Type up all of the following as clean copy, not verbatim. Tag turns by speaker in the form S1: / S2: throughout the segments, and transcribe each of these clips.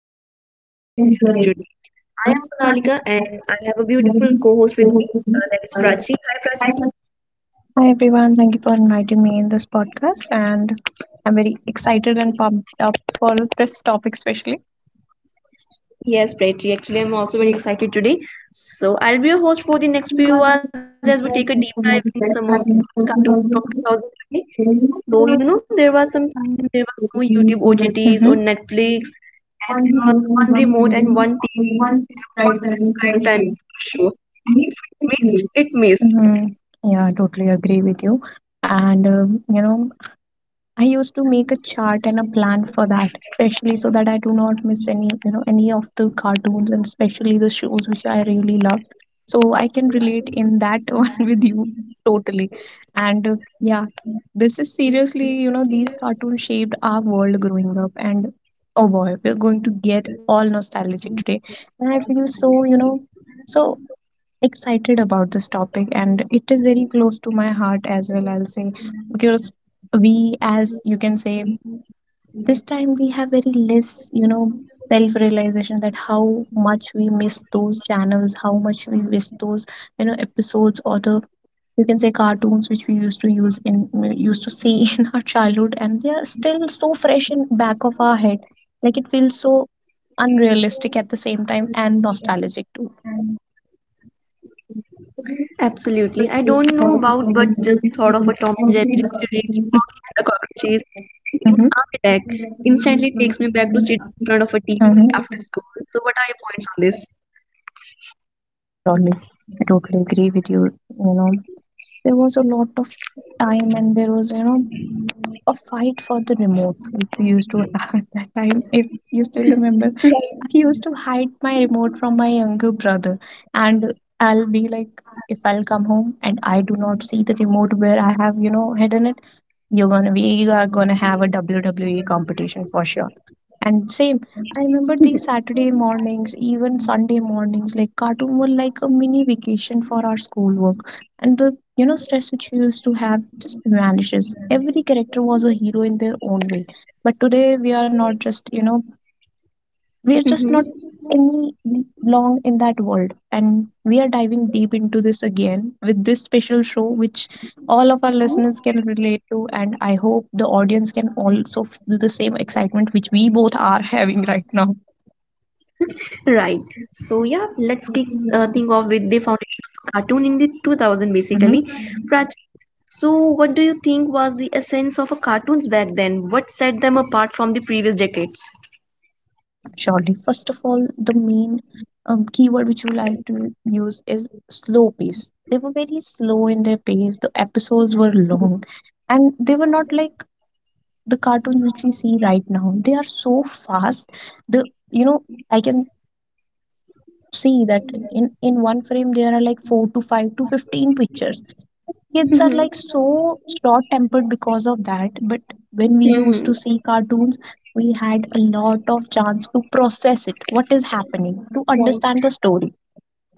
S1: filled
S2: Hossain was
S1: nostalgic and
S2: standing
S1: journey
S2: and
S1: today.
S2: Junaid.
S1: I am Monalika
S2: Anuradha
S1: and I
S2: had
S1: have a beautiful
S2: moved
S1: co host with
S2: over
S1: me
S2: to me.
S1: that is Prachi. Hi
S2: Hi,
S1: Prachi.
S2: everyone, thank you for inviting me in this podcast, and I'm very excited and pumped up for this topic, especially.
S1: Yes, Prachi, actually, I'm also very
S2: You
S1: excited today. So, I'll be your host
S2: are
S1: for the next few hours
S2: the
S1: as we take a deep
S2: speaker
S1: dive in some of
S2: the
S1: the
S2: best
S1: best
S2: administrators
S1: cartoons from 2000
S2: of.
S1: today. So, you know,
S2: So,
S1: there was some time when there was no YouTube OTTs or
S2: hmm,
S1: Netflix, and there was one remote and one TV
S2: and
S1: and
S2: one,
S1: one
S2: right,
S1: prescribed timing for a
S2: show.
S1: show. And if it
S2: Miss
S1: missed, it
S2: Kashmir.
S1: missed.
S2: Mhm. Yeah, I totally agree with you. And I used to make a chart and a plan for that, especially so that I do not miss any of the cartoons and especially the shows which I really loved. So I can relate in that one with you totally. And yeah, this is seriously, these cartoons shaped our world growing up. And oh boy, we're going to get all nostalgic today. And I feel so excited about this topic, and it is very close to my heart as well, I'll say, because we, as you can say, this time we have very less, you know, self realization that how much we miss those channels, how much we miss those, you know, episodes or the, you can say, cartoons which we used to use in used to see in our childhood, and they are still so fresh in back of our head. Like, it feels so unrealistic at the same time, and nostalgic too.
S1: Absolutely. I don't know about, but just
S2: Mm-hmm.
S1: the thought of a Tom and Jerry, Richie Rich, Oggy and the Cockroaches, and even Art Attack instantly takes me back to sitting in front of a TV
S2: Mm-hmm.
S1: after school. So, what are your points on this?
S2: Yeah, surely. I totally agree with you. You know, there was a lot of time, and there was, you know, a fight for the remote, which we used to have at that time. If you still remember, I used to hide my remote from my younger brother. And I'll be like, if I'll come home and I do not see the remote where I have, you know, hidden it, You're gonna we are gonna have a WWE competition for sure. And same, I remember these Saturday mornings, even Sunday mornings, like cartoon were like a mini vacation for our schoolwork. And the, you know, stress which we used to have just vanishes. Every character was a hero in their own way. But today we are not just, you know, we're just not
S1: Hmm.
S2: any long in that world. And we are diving deep into this again with this special show, which all of our listeners can relate to. And I hope the audience can also feel the same excitement which we both are having right now.
S1: Right. So yeah, let's kick
S2: Hmm.
S1: thing off with the foundation of a cartoon in the 2000 basically. Prachi, so what do you think was the essence of a cartoons back then? What set them apart from the previous decades?
S2: Surely. First of all, the main keyword which we like to use is slow pace. They were very slow in their pace. The episodes were
S1: Mm-hmm.
S2: long, and they were not like the cartoons which we see right now. They are so fast. The you know i can see that in one frame there are like 4 to 5 to 15 pictures. Kids are
S1: Mm-hmm.
S2: like so short tempered because of that. But when we used
S1: Mm-hmm.
S2: to see cartoons, we had a lot of chance to process it, what is happening, to understand the story,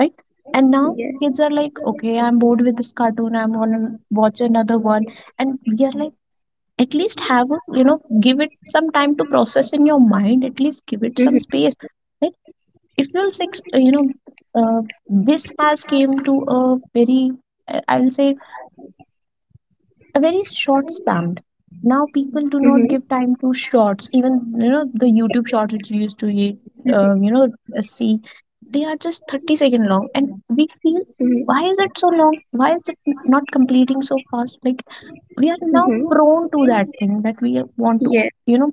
S2: right? And now kids are like, okay, I'm bored with this cartoon, I'm gonna watch another one. And we are like, at least have a, you know, give it some time to process in your mind, at least give it some space, right? if you'll six you know uh, this has came to a very, I'll say, a very short span. Now people do
S1: Mm-hmm.
S2: not give time to shorts. Even, you know, the YouTube shorts which you used to eat,
S1: Hmm.
S2: uh, you know see, they are just 30-second long, and we feel, why is it so long, why is it not completing so fast? Like, we are now prone to that thing that we want to, you know,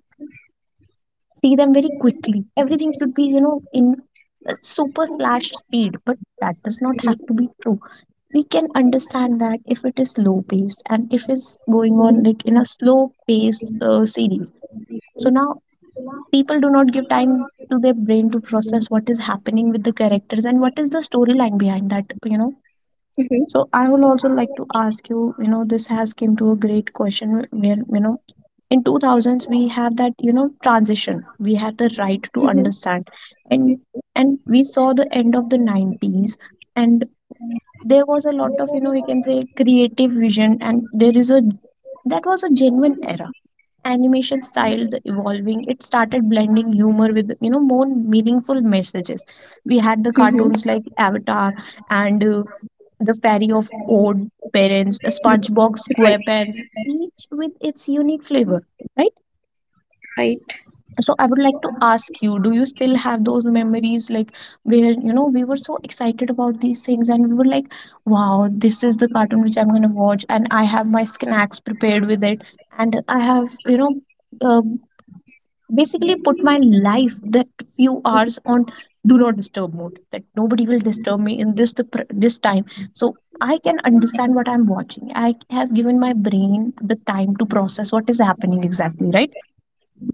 S2: see them very quickly. Everything should be, you know, in a super flash speed, but that does not have to be true. We can understand that if it is low paced, and if it's going on like in a slow paced series. So now people do not give time to their brain to process what is happening with the characters and what is the storyline behind that, you know. So I would also like to ask you, you know, this has came to a great question where, you know, in 2000s we have that, you know, transition. We had the right to understand. And and we saw the end of the 90s, and there was a lot of, you know, we can say, creative vision, and there is a that was a genuine era. Animation style, the evolving, it started blending humor with, you know, more meaningful messages. We had the cartoons like Avatar, and the Fairy of Odd Parents, the SpongeBob SquarePants, each with its unique flavor, right? So I would like to ask you, do you still have those memories, like, where, you know, we were so excited about these things, and we were like, wow, this is the cartoon which I'm going to watch, and I have my snacks prepared with it, and I have, you know, uh, basically put my life that few hours on do not disturb mode, that nobody will disturb me in this time. So I can understand what I'm watching. I have given my brain the time to process what is happening exactly, right?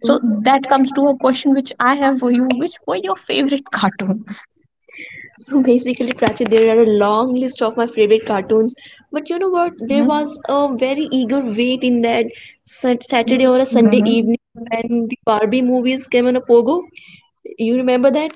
S2: So that comes to a question which I have for you. Which were your favorite cartoon?
S1: So basically, Prachi, there are a long list of my favorite cartoons. But you know what? There
S2: Mm-hmm.
S1: was a very eager wait in that Saturday or a Sunday
S2: Mm-hmm.
S1: evening when the Barbie movies came on a pogo. You remember that?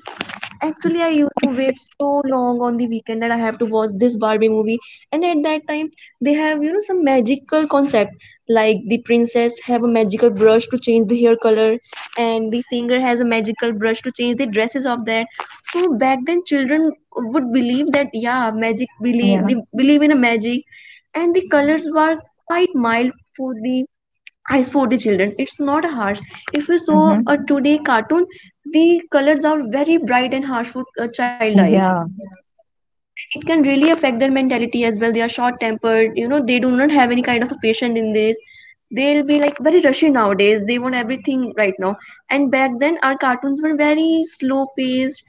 S2: Yeah,
S1: Actually, I used to wait so long on the weekend that I have to watch this Barbie movie. And at that time, they have, you know, some magical concept. Like the princess have a magical brush to change the hair color, and the singer has a magical brush to change the dresses of that. So back then, children would believe that, yeah, magic believe
S2: yeah.
S1: they believe in a magic, and the
S2: Mm-hmm.
S1: colors were quite mild for the eyes for the children. It's not harsh. If we saw
S2: Mm-hmm.
S1: a today cartoon, the colors are very bright and harsh for a child eye,
S2: Yeah,
S1: and it can really affect their mentality as well. They are short tempered, you know, they do not have any kind of a patience in this. They'll be like very rushy nowadays, they want everything right now. And back then our cartoons were very slow paced,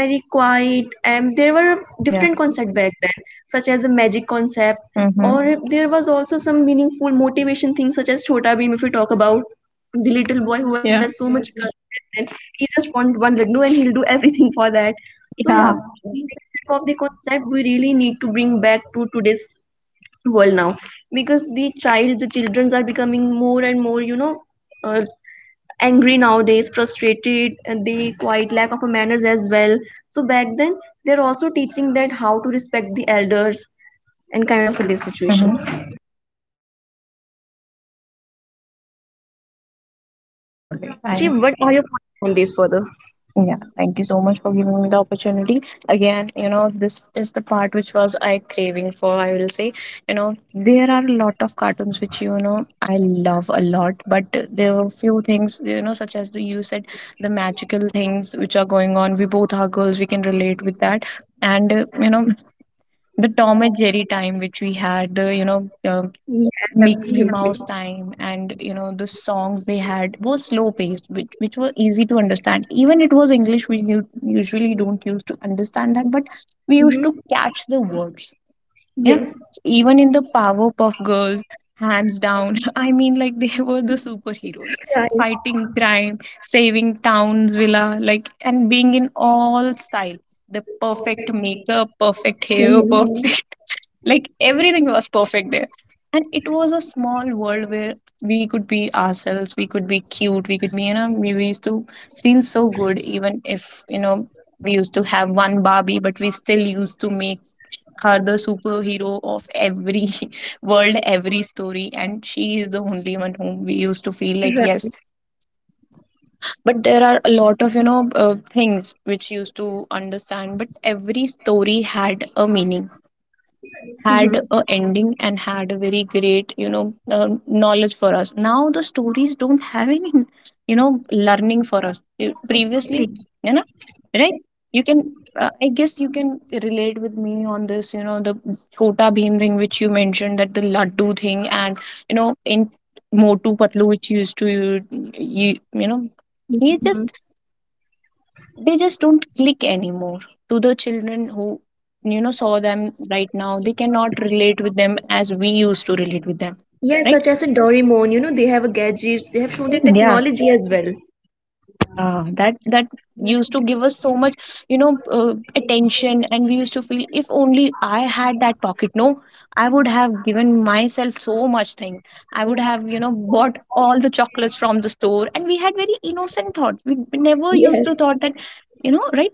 S1: very quiet, and there were
S2: yeah.
S1: different concepts back then, such as a magic concept,
S2: Mm-hmm.
S1: or there was also some meaningful motivation things such as chota Bheem. If we talk about the little boy who has
S2: Yeah,
S1: so much courage back then, he just wanted one laddu and he'll do everything for that. So yeah,
S2: yeah.
S1: these type of the concept we really need to bring back to today's world now, because the children are becoming more and more, you know, uh, angry nowadays, frustrated, and they quite lack of manners as well. So back then, they're also teaching that how to respect the elders and kind of this
S2: Mm-hmm.
S1: situation. So
S2: Surely, I
S1: Prachi,
S2: am.
S1: what are your points on this further?
S2: Yeah, thank you so much for giving me the opportunity. Again, you know, this is the part which was I craving for. I will say, you know, there are a lot of cartoons which, you know, I love a lot, but there were few things, you know, such as the, you said, the magical things which are going on. We both are girls. We can relate with that. And you know, the Tom and Jerry time which we had, the, you know, uh, Mickey Mouse
S1: Mm-hmm.
S2: time, and you know the songs they had were slow paced, which were easy to understand, even it was English we usually don't use to understand that, but we used to catch the words, yeah. Even in the Powerpuff Girls, hands down, I mean, like, they were the superheroes fighting crime, saving towns, villa, like, and being in all style, the perfect makeup, perfect hair, perfect, like, everything was perfect there. And it was a small world where we could be ourselves, we could be cute, we could be, you know, we used to feel so good. Even if, you know, we used to have one Barbie, but we still used to make her the superhero of every world, every story. And she is the only one whom we used to feel like, yes. But there are a lot of, you know, things which used to understand, but every story had a meaning,
S1: Mm-hmm.
S2: had a ending, and had a very great, you know, knowledge for us. Now the stories don't have any, you know, learning for us. You- previously, you know, right, you can I guess you can relate with me on this, you know, the Chota Bheem thing which you mentioned, that the laddu thing, and you know, in Motu Patlu, which used to you, you you know he
S1: Mm-hmm.
S2: just they just don't click anymore to the children who, you know, saw them right now. They cannot relate with them as we used to relate with them,
S1: Yeah,
S2: right?
S1: such as a Doraemon, you know, they have a gadgets, they have shown the
S2: Yeah,
S1: technology as well.
S2: yeah, that used to give us so much, you know, attention, and we used to feel, if only I had that pocket, no, I would have given myself so much thing. I would have, you know, bought all the chocolates from the store. And we had very innocent thoughts. We never used to thought that, you know, right,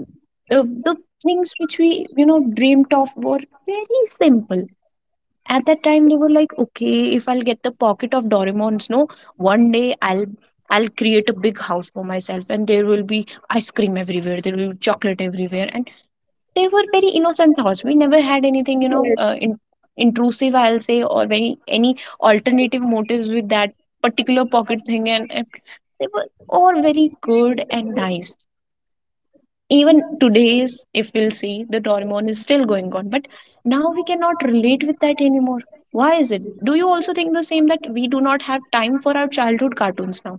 S2: uh, the things which we, you know, dreamt of were very simple at that time. They were like, okay, if I'll get the pocket of Doraemon's, no, one day I'll, I'll create a big house for myself, and there will be ice cream everywhere, there will be chocolate everywhere. And they were very innocent thoughts. We never had anything, you know, intrusive, I'll say, or any alternative motives with that particular pocket thing. And they were all very good and nice. Even today's, if we'll see, the Doraemon is still going on, but now we cannot relate with that anymore. Why is it? Do you also think the same, that we do not have time for our childhood cartoons now?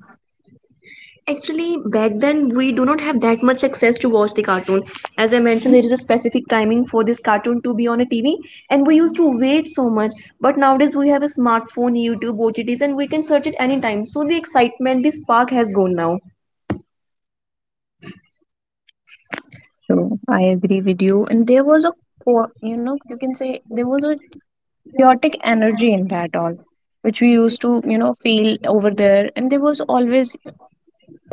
S1: Actually, back then we do not have that much access to watch the cartoon. As I
S2: Mm-hmm.
S1: mentioned, there is a specific timing for this cartoon to be on a TV, and we
S2: Mm-hmm.
S1: used to wait so much. But nowadays we have a smartphone, YouTube, OTTs, and we can search it anytime. So the excitement, the spark has gone now.
S2: So I agree with you. And there was a, you know, you can say there was a chaotic energy in that all, which we used to, you know, feel over there. And there was always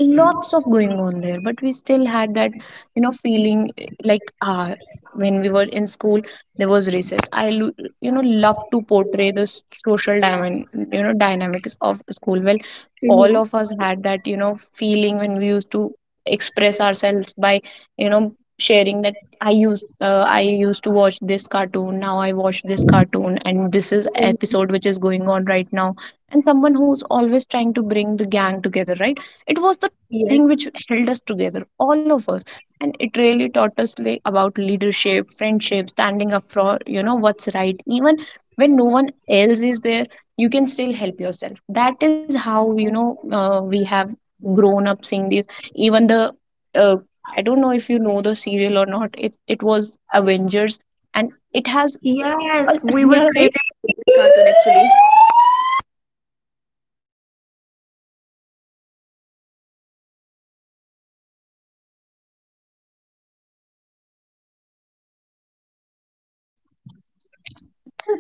S2: lots of going on there, but we still had that feeling, like when we were in school there was recess. You know love to portray the social diamond, dynamics of school well. All of us had that feeling when we used to express ourselves by you know sharing that. I used to watch this cartoon. Now I watch this cartoon and this is episode which is going on right now, and someone who's always trying to bring the gang together, right? It was the thing which held us together, all of us. And it really taught us, like, about leadership, friendship, standing up for what's right even when no one else is there. You can still help yourself. That is how, we have grown up seeing these. Even the uh, I don't know if you know the serial or not. It was Avengers, and it has
S1: Yes, we were
S2: yeah. Right.
S1: crazy about this cartoon actually.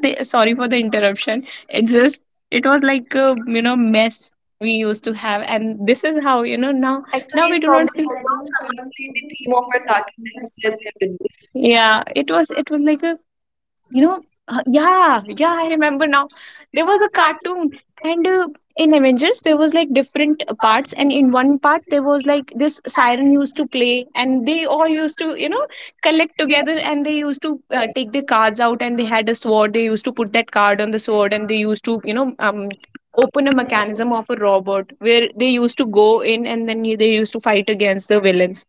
S2: They- sorry for the interruption, it just it was like a, mess we used to have. And this is how, now now we
S1: Actually,
S2: do
S1: from
S2: not
S1: the
S2: feel.
S1: background, someone played the theme of our cartoon. That's why we have done this.
S2: Yeah, it was like a... yeah, yeah, I remember now. There was a cartoon, and in Avengers, there was like different parts, and in one part there was like this siren used to play, and they all used to, collect together, and they used to take their cards out, and they had a sword. They used to put that card on the sword, and they used to, Open a mechanism of a robot where they used to go in and then they used to fight against the villains.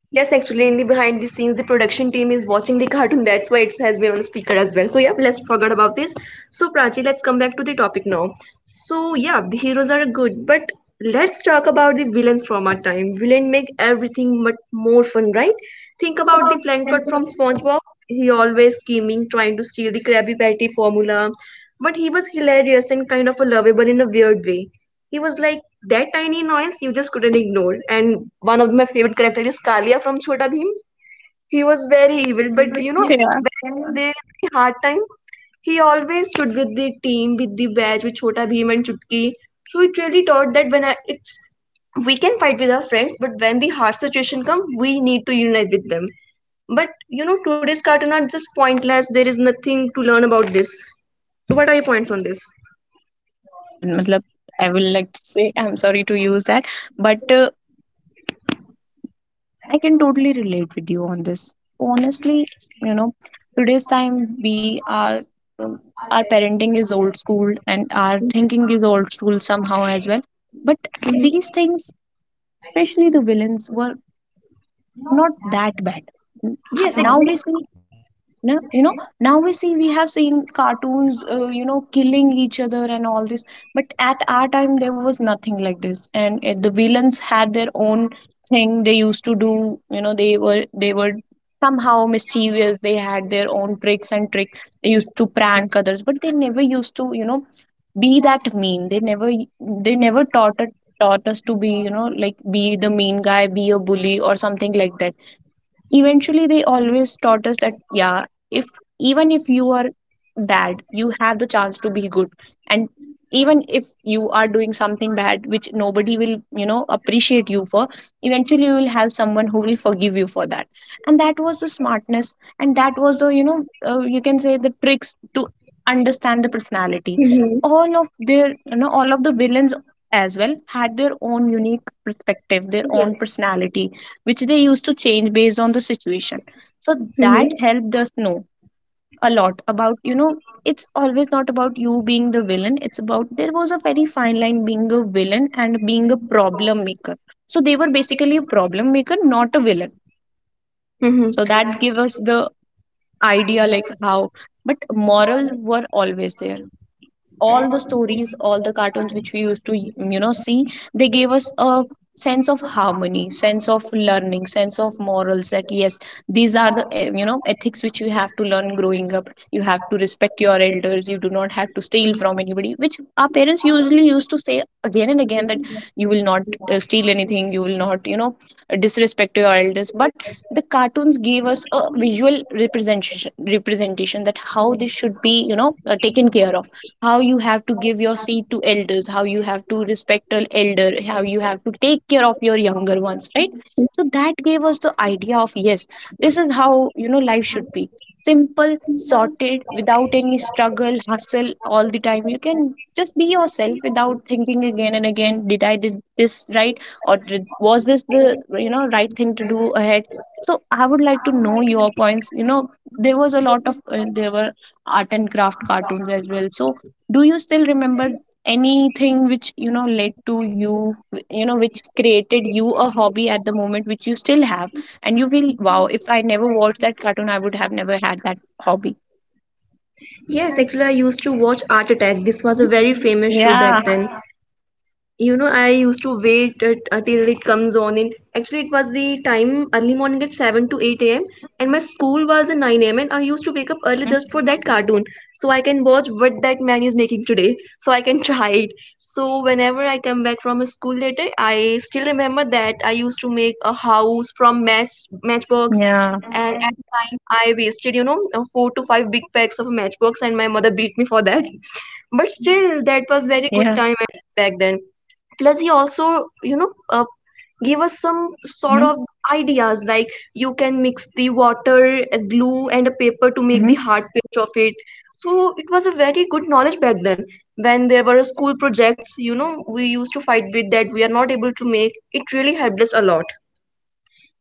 S1: Yes, actually, in the behind the scenes, the production team is watching the cartoon. That's why it has been on speaker as well. So yeah, let's forget about this. So Prachi, let's come back to the topic now. So yeah, the heroes are good, but let's talk about the villains from our time. Villain make everything much more fun, right? Think about the Plankton from SpongeBob. He always scheming, trying to steal the Krabby Patty formula, but he was hilarious and kind of a lovable in a weird way. He was like that tiny noise you just couldn't ignore. And one of my favorite characters is Kalia from chota Bheem. He was very evil, but you know,
S2: Yeah.
S1: when there is any hard time, he always stood with the team, with the badge, with chota Bheem and Chutki. So it really taught that when I, it's we can fight with our friends, but when the hard situation comes, we need to unite with them. But you know, today's cartoon are just pointless, there is nothing to learn about this. So what are your points on this?
S2: Sure, matlab I will like to say I'm sorry to use that, but I can totally relate with you on this. Honestly, you know, today's time we are um, our parenting is old school and our thinking is old school somehow as well. But these things, especially the villains, were not that bad.
S1: Yes,
S2: Now we
S1: exactly.
S2: see... No, now we see, we have seen cartoons, killing each other and all this. But at our time there was nothing like this, and the villains had their own thing they used to do. You know, they were somehow mischievous. They had their own tricks and tricks, they used to prank others, but they never used to, be that mean. They never, they never taught it, taught us to be, like be the mean guy, be a bully or something like that. Eventually they always taught us that, yeah, if even if you are
S1: That
S2: bad,
S1: you
S2: you
S1: have to
S2: have the
S1: follow the
S2: chance to
S1: expenses on
S2: be
S1: the
S2: good. And
S1: road,
S2: even if you are doing something bad which nobody will, appreciate you for, eventually you will have someone who will forgive you for that. And that was the smartness, and that was the,
S1: you
S2: you
S1: can
S2: can
S1: make
S2: say
S1: it
S2: the tricks to
S1: understand the
S2: understand
S1: economic
S2: the personality.
S1: unit
S2: All of their, all of the
S1: and
S2: villains as well
S1: make
S2: had
S1: it
S2: their own unique perspective, their own personality, which they used to change based on the situation. So that helped us know a
S1: belong.
S2: lot about, it's always not about you being the villain. It's about, there was a very fine line being a villain and being a problem maker. So they were basically a problem maker, not a villain.
S1: So
S2: So
S1: that
S2: that
S1: gives
S2: gave us
S1: the
S2: the
S1: idea
S2: idea, like, how,
S1: of
S2: but
S1: economics, moral
S2: moral were always there.
S1: all
S2: All
S1: the
S2: the
S1: students
S2: stories,
S1: of
S2: all
S1: the
S2: the
S1: country.
S2: cartoons which we used to, see, they gave us a sense of harmony, sense of learning, sense of morals, that yes, these are the ethics which you have to learn growing up. You have to respect your elders, you do not have to steal from anybody, which our parents usually used to say again and again, that you will not, steal anything, you will not, disrespect your elders. But the cartoons gave us a visual representation representation that how this should be, taken care of. How you have to give your seat to elders, how you have to respect an elder, how you have to take care of your younger ones, right? So that gave us the idea of, yes, this is how, life should be simple, sorted, without any struggle, hustle all the time. You can just be yourself without thinking again and again, did I did this right, or did, was this the, right thing to do ahead? So I would like to know your points. You know, there was a lot of there were art and craft cartoons as well. So do you still remember anything which, led to you, you know which created you a hobby at the moment which you still have, and you feel, wow, if I never watched that cartoon I would have never had that hobby.
S1: Yes, actually, I used to watch Art Attack. This was a
S2: Hmm?
S1: very famous show back
S2: Yeah.
S1: then. You know, I used to wait at, until it comes on in, actually it was the time early morning at 7 to 8 a.m.
S2: Mm-hmm.
S1: And my school was at 9 a.m. And I used to wake up early
S2: Mm-hmm.
S1: just for that cartoon. So I can watch what that man is making today so I can try it. So whenever I come back from school later, I still remember that I used to make a house from matchbox.
S2: Yeah.
S1: And at a time I wasted, you know, four to five big packs of matchbox, and my mother beat me for that. But still that was very good
S2: Yeah.
S1: time at back then. Plus he also, you know, give us some sort
S2: Mm-hmm.
S1: of the ideas like you can mix the water a glue and a paper to make
S2: Mm-hmm.
S1: the hard paste of it. So it was a very good knowledge back then. When there were school projects, you know, we used to fight with that we are not able to make, it really helped us a lot.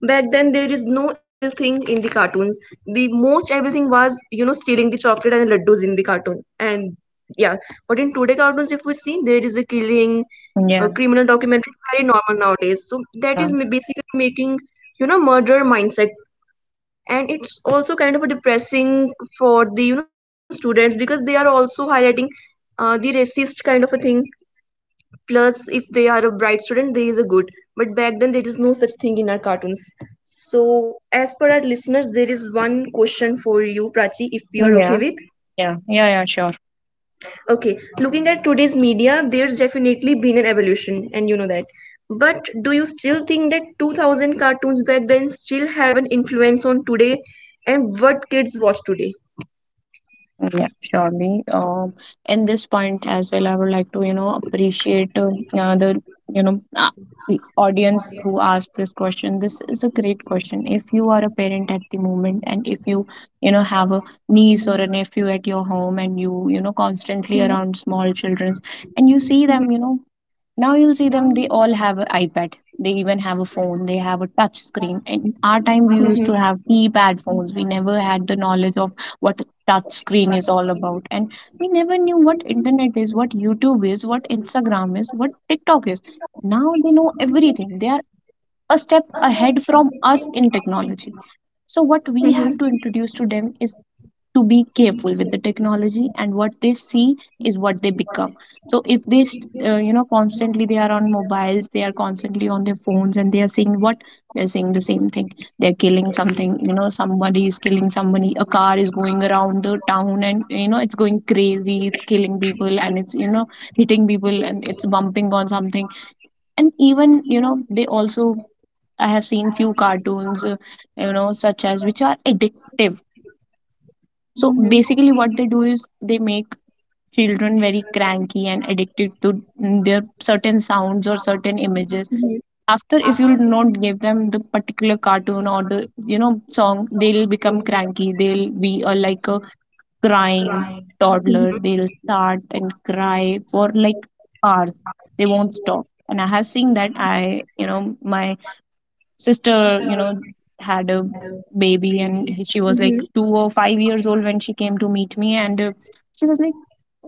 S1: Back then there is no evil thing in the cartoons. The most evil thing was, you know, stealing the chocolate and laddus in the cartoon. And yeah, but in today cartoons if we see there is a killing, a
S2: Yeah.
S1: criminal documentary is very normal nowadays. So that
S2: Yeah,
S1: is basically making, you know, murder mindset. And it's also kind of a depressing for the, you know, students, because they are also highlighting the racist kind of a thing. Plus if they are a bright student they is a good. But back then there is no such thing in our cartoons. So as per our listeners, there is one question for you, Prachi, if you are okay
S2: yeah,
S1: with.
S2: yeah, yeah, yeah, sure.
S1: Okay. Looking at today's media, there's definitely been an evolution, and you know that, but do you still think that 2000 cartoons back then still have an influence on today and what kids watch today?
S2: Mm, yeah, surely. In this point as well, I would like to, appreciate the, you know, uh, the audience who asked this question. This is a great question. If you are a parent at the moment, and if you, you know, have a niece or a nephew at your home, and you know, constantly around small children, and you see them, now you'll see them, they all have an iPad. They even have a phone, they have a touch screen. In our time, we used to have keypad phones. We never had the knowledge of what a touch screen is all about. And we never knew what internet is, what YouTube is, what Instagram is, what TikTok is. Now they know everything. They are a step ahead from us in technology. So, what we have to introduce to them is to be careful with the technology, and what they see is what they become. So if they, constantly they are on mobiles, they are constantly on their phones, and they are seeing what, they're seeing the same thing. They're killing something, somebody is killing somebody, a car is going around the town and, it's going crazy, it's killing people, and it's, hitting people, and it's bumping on something. And even, they also, I have seen few cartoons, such as which are addictive. So basically, what they do is they make children very cranky and addicted to their certain sounds or certain images. After, if you not give them the particular cartoon or the, song, they'll become cranky. They'll be a, like a crying
S1: Mhm.
S2: toddler. They'll start and cry for like hours. They won't stop. And I have seen that. I, my sister, had a baby, and he, she was like 2 or 5 years old when she came to meet me, and she was like,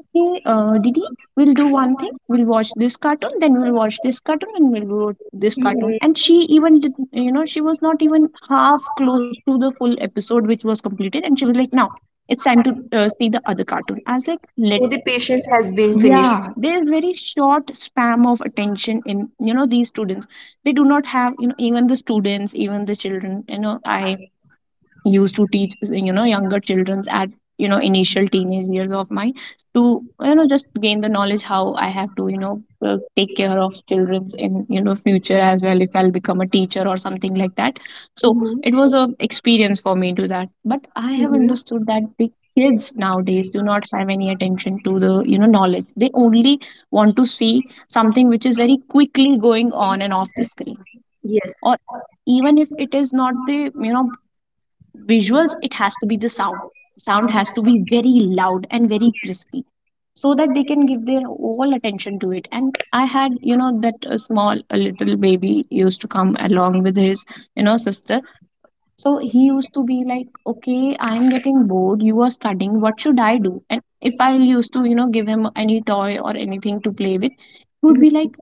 S2: okay, didi, we'll do one thing, we'll watch this cartoon, then we'll watch this cartoon, and we'll do this cartoon.
S1: Mhm.
S2: And she even did, she was not even half close to the full episode which was completed, and she was like, now it's time to, see the other cartoon. I was like, let...
S1: So the patience has been finished
S2: Yeah, there is
S1: today.
S2: very short spam of attention in, these students. They do not have, even the students, even the children, I used to teach, younger children at, initial teenage years of mine, to, just gain the knowledge how I have to, take care of children's in, future as well, if I'll become a teacher or something like that. So it was a experience for me to that. But I have understood that the kids nowadays do not have any attention to the, knowledge. They only want to see something which is very quickly going on and off the screen.
S1: Yes.
S2: Or even if it is not the, visuals, it has to be the sound. Sound has to be very loud and very
S1: Yes.
S2: crispy, so that they can give their all attention to it. And I had, that a small, a little baby used to come along with his, sister. So he used to be like, okay, I'm getting bored, you are studying, what should I do? And if I used to, give him any toy or anything to play with, he would be
S1: Mhm.
S2: like,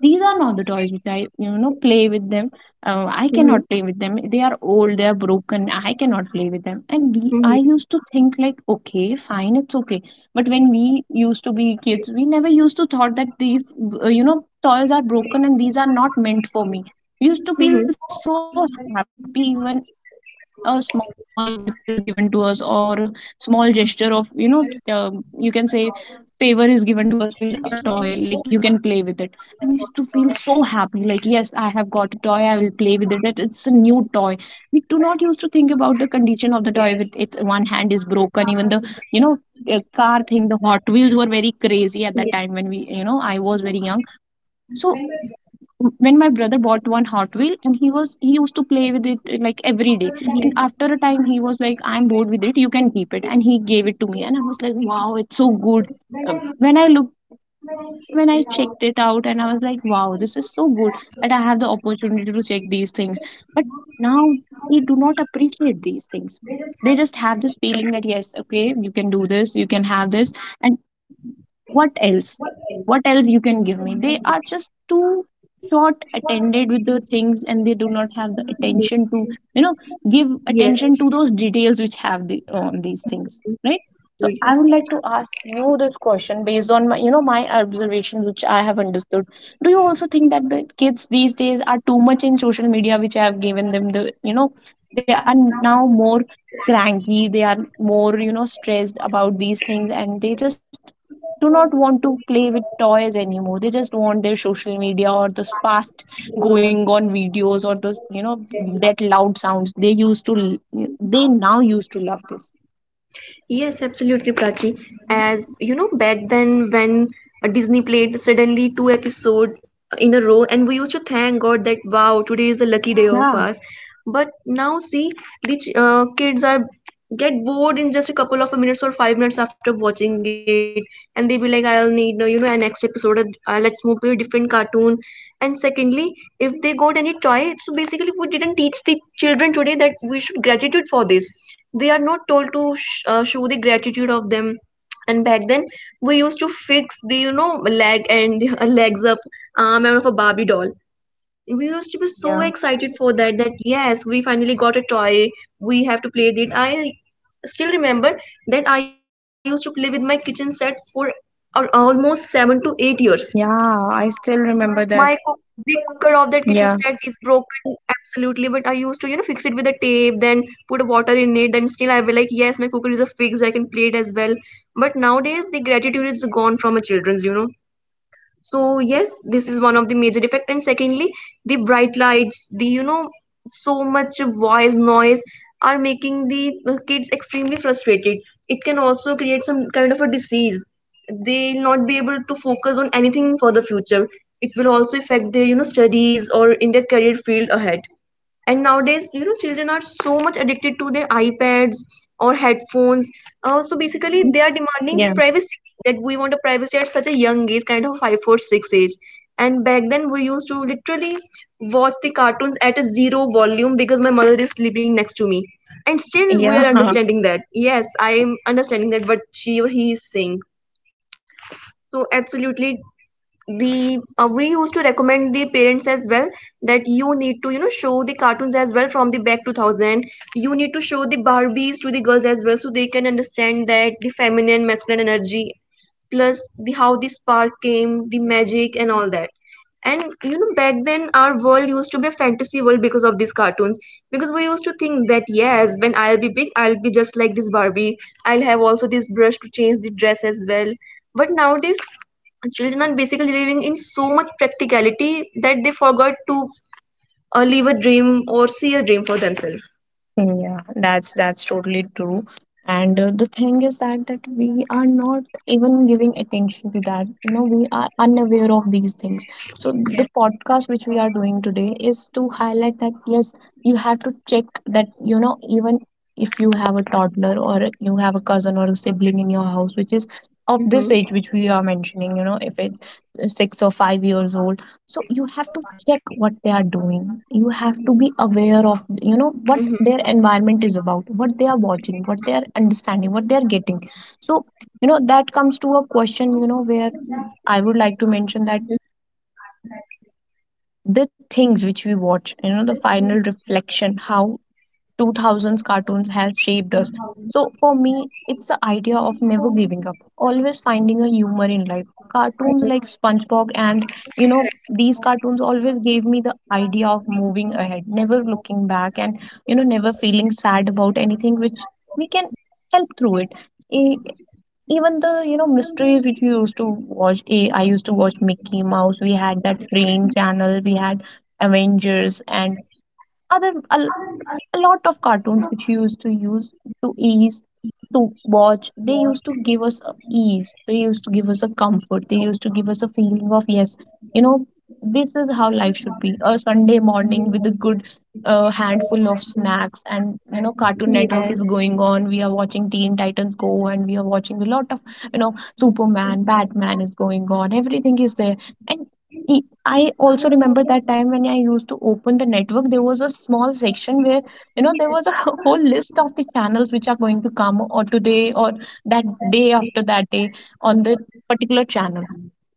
S2: these are not the toys which I, play with them. I cannot play with them. They are old, they are broken. I cannot play with them. And I used
S1: Mm-hmm.
S2: to think like, okay, fine, it's okay. But when we used to be kids, we never used to thought that these toys are broken and these are not meant for me. We used to feel so happy even a small gift is given to us or a small gesture of, you can say favor is given to us with a toy like you can play with it. I used to feel so happy, like, yes, I have got a toy, I will play with it. It's a new toy. We do not used to think about the condition of the toy. With its one hand is broken, even the you know car thing. The Hot Wheels were very crazy at that time when I was very young. So when my brother bought one Hot Wheel and he used to play with it like every day. And after a time, he was like, I'm bored with it. You can keep it. And he gave it to me, and I was like, wow, it's so good. Uh, when I look when I checked it out, and I was like, wow, this is so good that I have the opportunity to check these things. But now they do not appreciate these things. They just have this feeling that, yes, okay, you can do this, you can have this. And what else what else you can give me? They are just too short attended with the things, and they do not have the attention to, you know give
S1: Yes,
S2: attention to those details which have the on these things, right? So I would like to ask you this question based on my, my observation, which I have understood. Do you also think that the kids these days are too much in social media, which I have given them the, they are now more cranky, they are more, stressed about these things, and they just do not want to play with toys anymore. They just want their social media or those fast going on videos or those, that loud sounds, they now used to love this.
S1: yes, absolutely, Prachi. As
S2: Hmm.
S1: you know, back then when Disney played suddenly two episode in a row, and we used to thank God that, wow, today is a lucky day of
S2: Yeah.
S1: us. But now, see, the kids are get bored in just a couple of minutes or 5 minutes after watching it, and they be like, I'll need you know an next episode. Let's move to a different cartoon. And secondly, if they got any toy, so basically we didn't teach the children today that we should gratitude for this. They are not told to show the gratitude of them. And back then we used to fix the leg and legs up, arm and of a Barbie doll. We used to be so
S2: Yeah.
S1: excited for that, that yes, we finally got a toy, we have to play with it. I still remember that I used to play with my kitchen set for almost 7 to 8 years.
S2: Yeah. I still
S1: My
S2: remember
S1: cook
S2: that.
S1: The cooker of that kitchen set
S2: Yeah.
S1: is broken absolutely, but I used to, you know, fix it with the tape, then put a water in it, then still I will like, yes, my cooker is a fix, I can play it as well. But nowadays
S2: Yeah.
S1: the gratitude is gone from a children's. So yes, this is one of the major effect. And secondly, the bright lights, the so much voice noise are making the kids extremely frustrated. It can also create some kind of a disease. They'll not be able to focus on anything for the future. It will also affect their, you know, studies or in their career field ahead. And nowadays, you know, children are so much addicted to their iPads or headphones. So basically
S2: Mm-hmm.
S1: they are demanding
S2: Yeah.
S1: privacy, that we want a privacy at such a young age, kind of 5, 4, 6 age. And back then we used to literally watch the cartoons at a zero volume because my mother is sleeping next to me, and still we
S2: Yeah.
S1: are understanding that yes, I am understanding that what she or he is saying. So absolutely, we used to recommend the parents as well that you need to, you know, show the cartoons as well from the back 2000. You need to show the Barbies to the girls as well so they can understand that the feminine masculine energy plus the how the spark came, the
S2: Yeah.
S1: magic and all that. And you know, back then our world used to be a fantasy world because of these cartoons, because we used to think that yes, when I'll be big, I'll be just like this Barbie. I'll have also this brush to change the dress as well. But nowadays children are basically living in so much practicality that they forgot to live a dream or see a dream for themselves.
S2: Yeah, that's totally true. And the thing is that we are not even giving attention to that. You know, we are unaware of these things. So the
S1: Yes.
S2: podcast which we are doing today is to highlight that, yes, you have to check that, you know, even if you have a toddler or you have a cousin or a sibling in your house which is of this age
S1: Mm-hmm.
S2: which we are mentioning. You know, if it's 6 or 5 years old, so you have to check what they are doing. You have to
S1: Mm-hmm.
S2: be aware of, you know, what their environment is about, what they are watching, what they are understanding, what they are getting. So, you know, that comes to a question, you know, where I would like to mention that the things which we watch, you know, the final reflection how 2000s cartoons have shaped us. So for me, it's the idea of never giving up, always finding a humor in life. Cartoons like SpongeBob and, you know, these cartoons always gave me the idea of moving ahead, never looking back, and, you know, never feeling sad about anything which we can help through it. E- Even the, you know, mysteries which we used to watch, eh, I used to watch Mickey Mouse. We had that Brain Channel, we had Avengers and other a lot of cartoons which we used to use to ease to watch. They used to give us a ease, they used to give us a comfort, they used to give us a feeling of, yes, you know, this is how life should be. A Sunday morning with a good handful of snacks, and, you know, Cartoon Network is going on, we are watching Teen Titans Go, and we are watching a lot of, you know Superman, Batman is going on, everything is there. And e- I also remember that time when I used to open the network, there was a small section where, you know, there was a whole list of the channels which are going to come or today or that day, after that day, on the particular channel.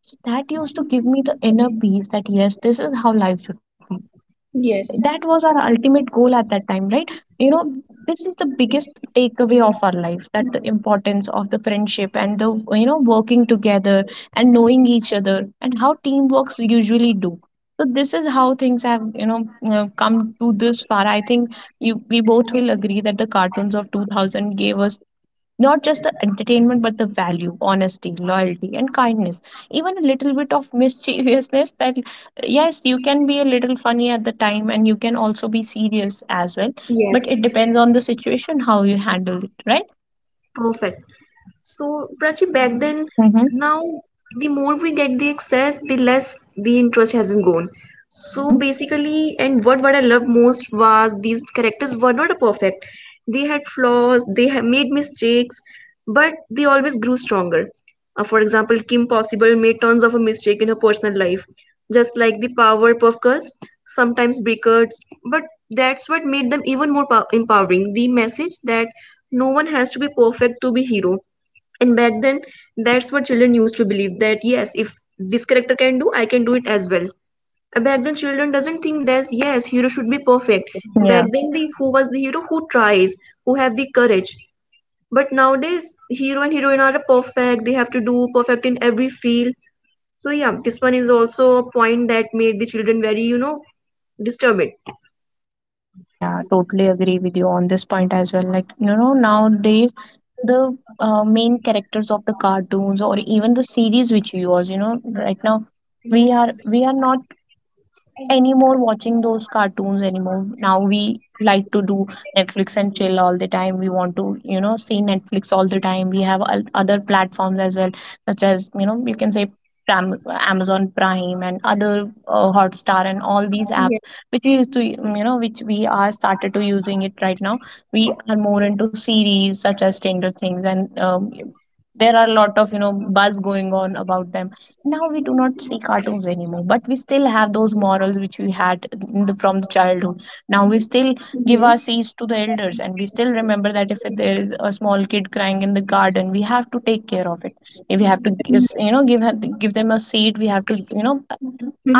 S2: So that used to give me the inner peace that, yes, this is how life should be. That was our ultimate goal at that time, right? You know, this is the biggest takeaway of our life, that the importance of the friendship and the, you know, working together and knowing each other and how teamworks usually do. So this is how things have, you know, come to this far. I think you, we both will agree that the cartoons of 2000 gave us not just the entertainment, but the value, honesty, loyalty, and kindness. Even a little bit of mischievousness that, yes, you can be a little funny at the time, and you can also be serious as well. But
S1: Yes.
S2: it depends on the situation, how you handle it, right?
S1: Perfect. So, Prachi, back then,
S2: Mm-hmm.
S1: now the more we get the access, the less the interest hasn't gone. So
S2: Mm-hmm.
S1: basically, and what I loved most was these characters were not perfect. They had flaws, they had made mistakes, but they always grew stronger. For example, Kim Possible made tons of a mistake in her personal life, just like the Powerpuff Girls, sometimes breakers, but that's what made them even more empowering. The message that no one has to be perfect to be hero. And back then, that's what children used to believe that yes, if this character can do, I can do it as well. Back then, children doesn't think that yes, hero should be perfect. Back
S2: Yeah.
S1: then, the who was the hero who tries, who have the courage. But nowadays, hero and heroine are perfect. They have to do perfect in every field. So yeah, this one is also a point that made the children very, you know, disturbed.
S2: Yeah, totally agree with you on this point as well. Like, you know, nowadays the main characters of the cartoons or even the series which you use, you know, right now we are not anymore watching those cartoons anymore. Now we like to do Netflix and chill all the time. We want to, you know, see Netflix all the time. We have other platforms as well, such as, you know, you can say Amazon Prime and other, Hotstar and all these apps, which we used to, you know, which we are started to using it right now. We are more into series such as Stranger Things and there are a lot of, you know, buzz going on about them. Now we do not see cartoons anymore, but we still have those morals which we had in the, from the childhood. Now we still give our seeds to the elders, and we still remember that if there is a small kid crying in the garden, we have to take care of it. If we have to give them a seat, we have to, you know,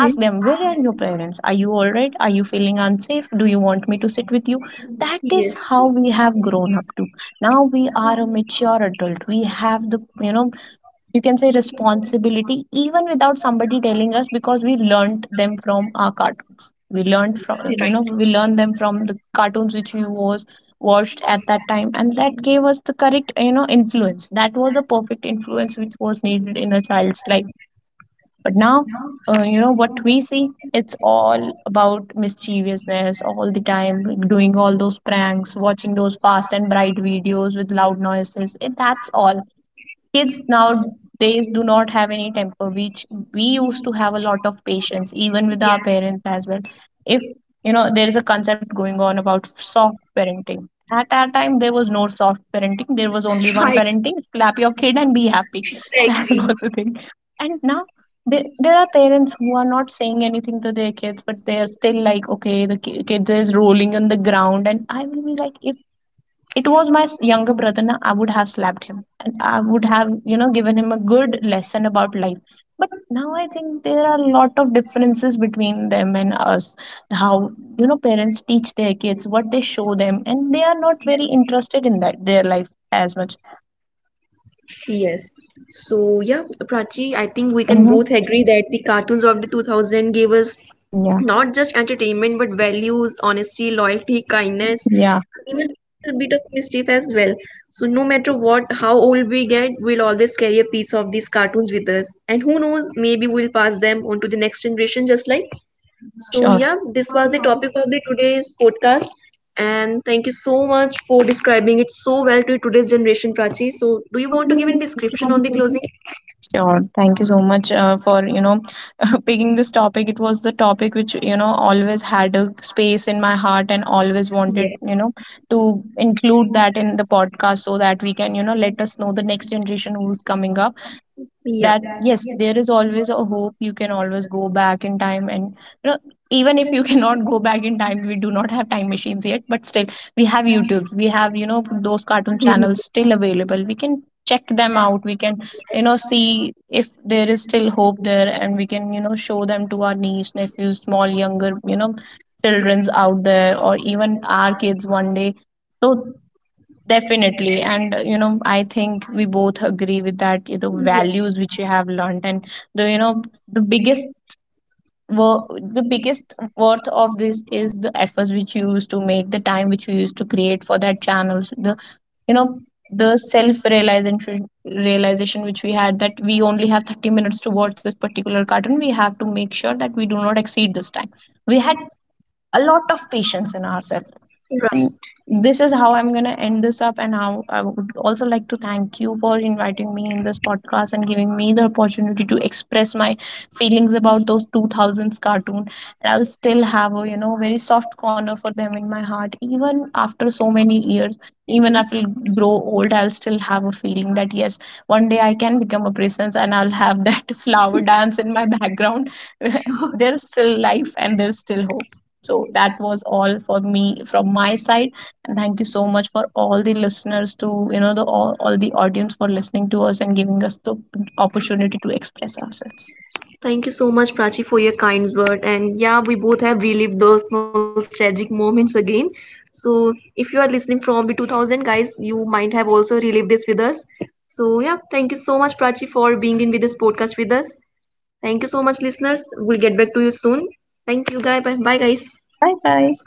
S2: ask them, where are your parents, are you all right, are you feeling unsafe, do you want me to sit with you?
S1: Yes.
S2: That is how we have grown up to. Now we are a mature adult, we have the, you know, you can say responsibility even without somebody telling us, because we learned them from our cartoons, we
S1: Learn.
S2: learned
S1: Right.
S2: from, we learned them from the cartoons which we was watched at that time, and that gave us the correct, you know, influence. That was a perfect influence which was needed in a child's life. But now, you know what we see, it's all about mischievousness all the time, doing all those pranks, watching those fast and bright videos with loud noises, that's all. Kids nowadays do not have any temper, which we used to have a lot of patience even with our parents as well. If, you know, there is a concept going on about soft parenting. At our time, there was no soft parenting, there was only one parenting: slap your kid and be happy. That
S1: Exactly.
S2: was the thing. And now, there are parents who are not saying anything to their kids, but they are still like, okay, the kid is rolling on the ground, and I will be like, if it was my younger brother na, I would have slapped him, and I would have, you know, given him a good lesson about life. But now I think there are a lot of differences between them and us, how, you know, parents teach their kids, what they show them, and they are not very interested in that their life, as much.
S1: Yes. So yeah, Prachi, I think we can
S2: Hmm.
S1: both agree that the cartoons of the 2000 gave us
S2: Yeah.
S1: not just entertainment but values, honesty, loyalty, kindness,
S2: Yeah.
S1: and even a little bit of mischief as well. So no matter what, how old we get, we'll always carry a piece of these cartoons with us. And who knows, maybe we'll pass them on to the next generation just like.
S2: Yeah,
S1: So
S2: sure.
S1: yeah, this was the topic of the today's podcast, and thank you so much for describing it so well to today's generation, Prachi. So do you want to give any description on the closing?
S2: Sure. Thank you so much for, you know, picking this topic. It was the topic which, you know, always had a space in my heart, and always wanted,
S1: Yeah.
S2: you know, to include that in the podcast, so that we can, you know, let us know the next generation who's coming up,
S1: Yeah.
S2: that, yes, there is always a hope. You can always go back in time, and, you know, even if you cannot go back in time, we do not have time machines yet, but still we have YouTube, we have, you know, those cartoon channels
S1: Mm-hmm.
S2: still available. We can check them out, we can, you
S1: Yes.
S2: know, see if there is still hope there, and we can, you know, show them to our niece, nephews, small younger, you know, children's out there, or even our kids one day. So definitely. And, you know, I think we both agree with that, you know, values which you have learned, and the, you know, the biggest the biggest worth of this is the efforts which you used to make, the time which you used to create for that channels, the, you know, the self realization which we had, that we only have 30 minutes to watch this particular cartoon. We have to make sure that we do not exceed this time. We had a lot of patience in ourselves, and
S1: Right.
S2: this is how I'm going to end this up, and how I would also like to thank you for inviting me in this podcast, and giving me the opportunity to express my feelings about those 2000s cartoon. And I'll still have a, you know, very soft corner for them in my heart even after so many years. Even if I grow old, I'll still have a feeling that, yes, one day I can become a princess, and I'll have that flower dance in my background. There's still life, and there's still hope. So that was all for me from my side, and thank you so much for all the listeners, to, you know, the all the audience for listening to us and giving us the opportunity to express ourselves.
S1: Thank you so much, Prachi, for your kind word. And yeah, we both have relived those nostalgic moments again. So if you are listening from the 2000, guys, you might have also relived this with us. So yeah, thank you so much, Prachi, for being in with this podcast with us. Thank you so much, listeners. We'll get back to you soon. Thank you, guys. Bye, bye guys.
S2: Bye guys.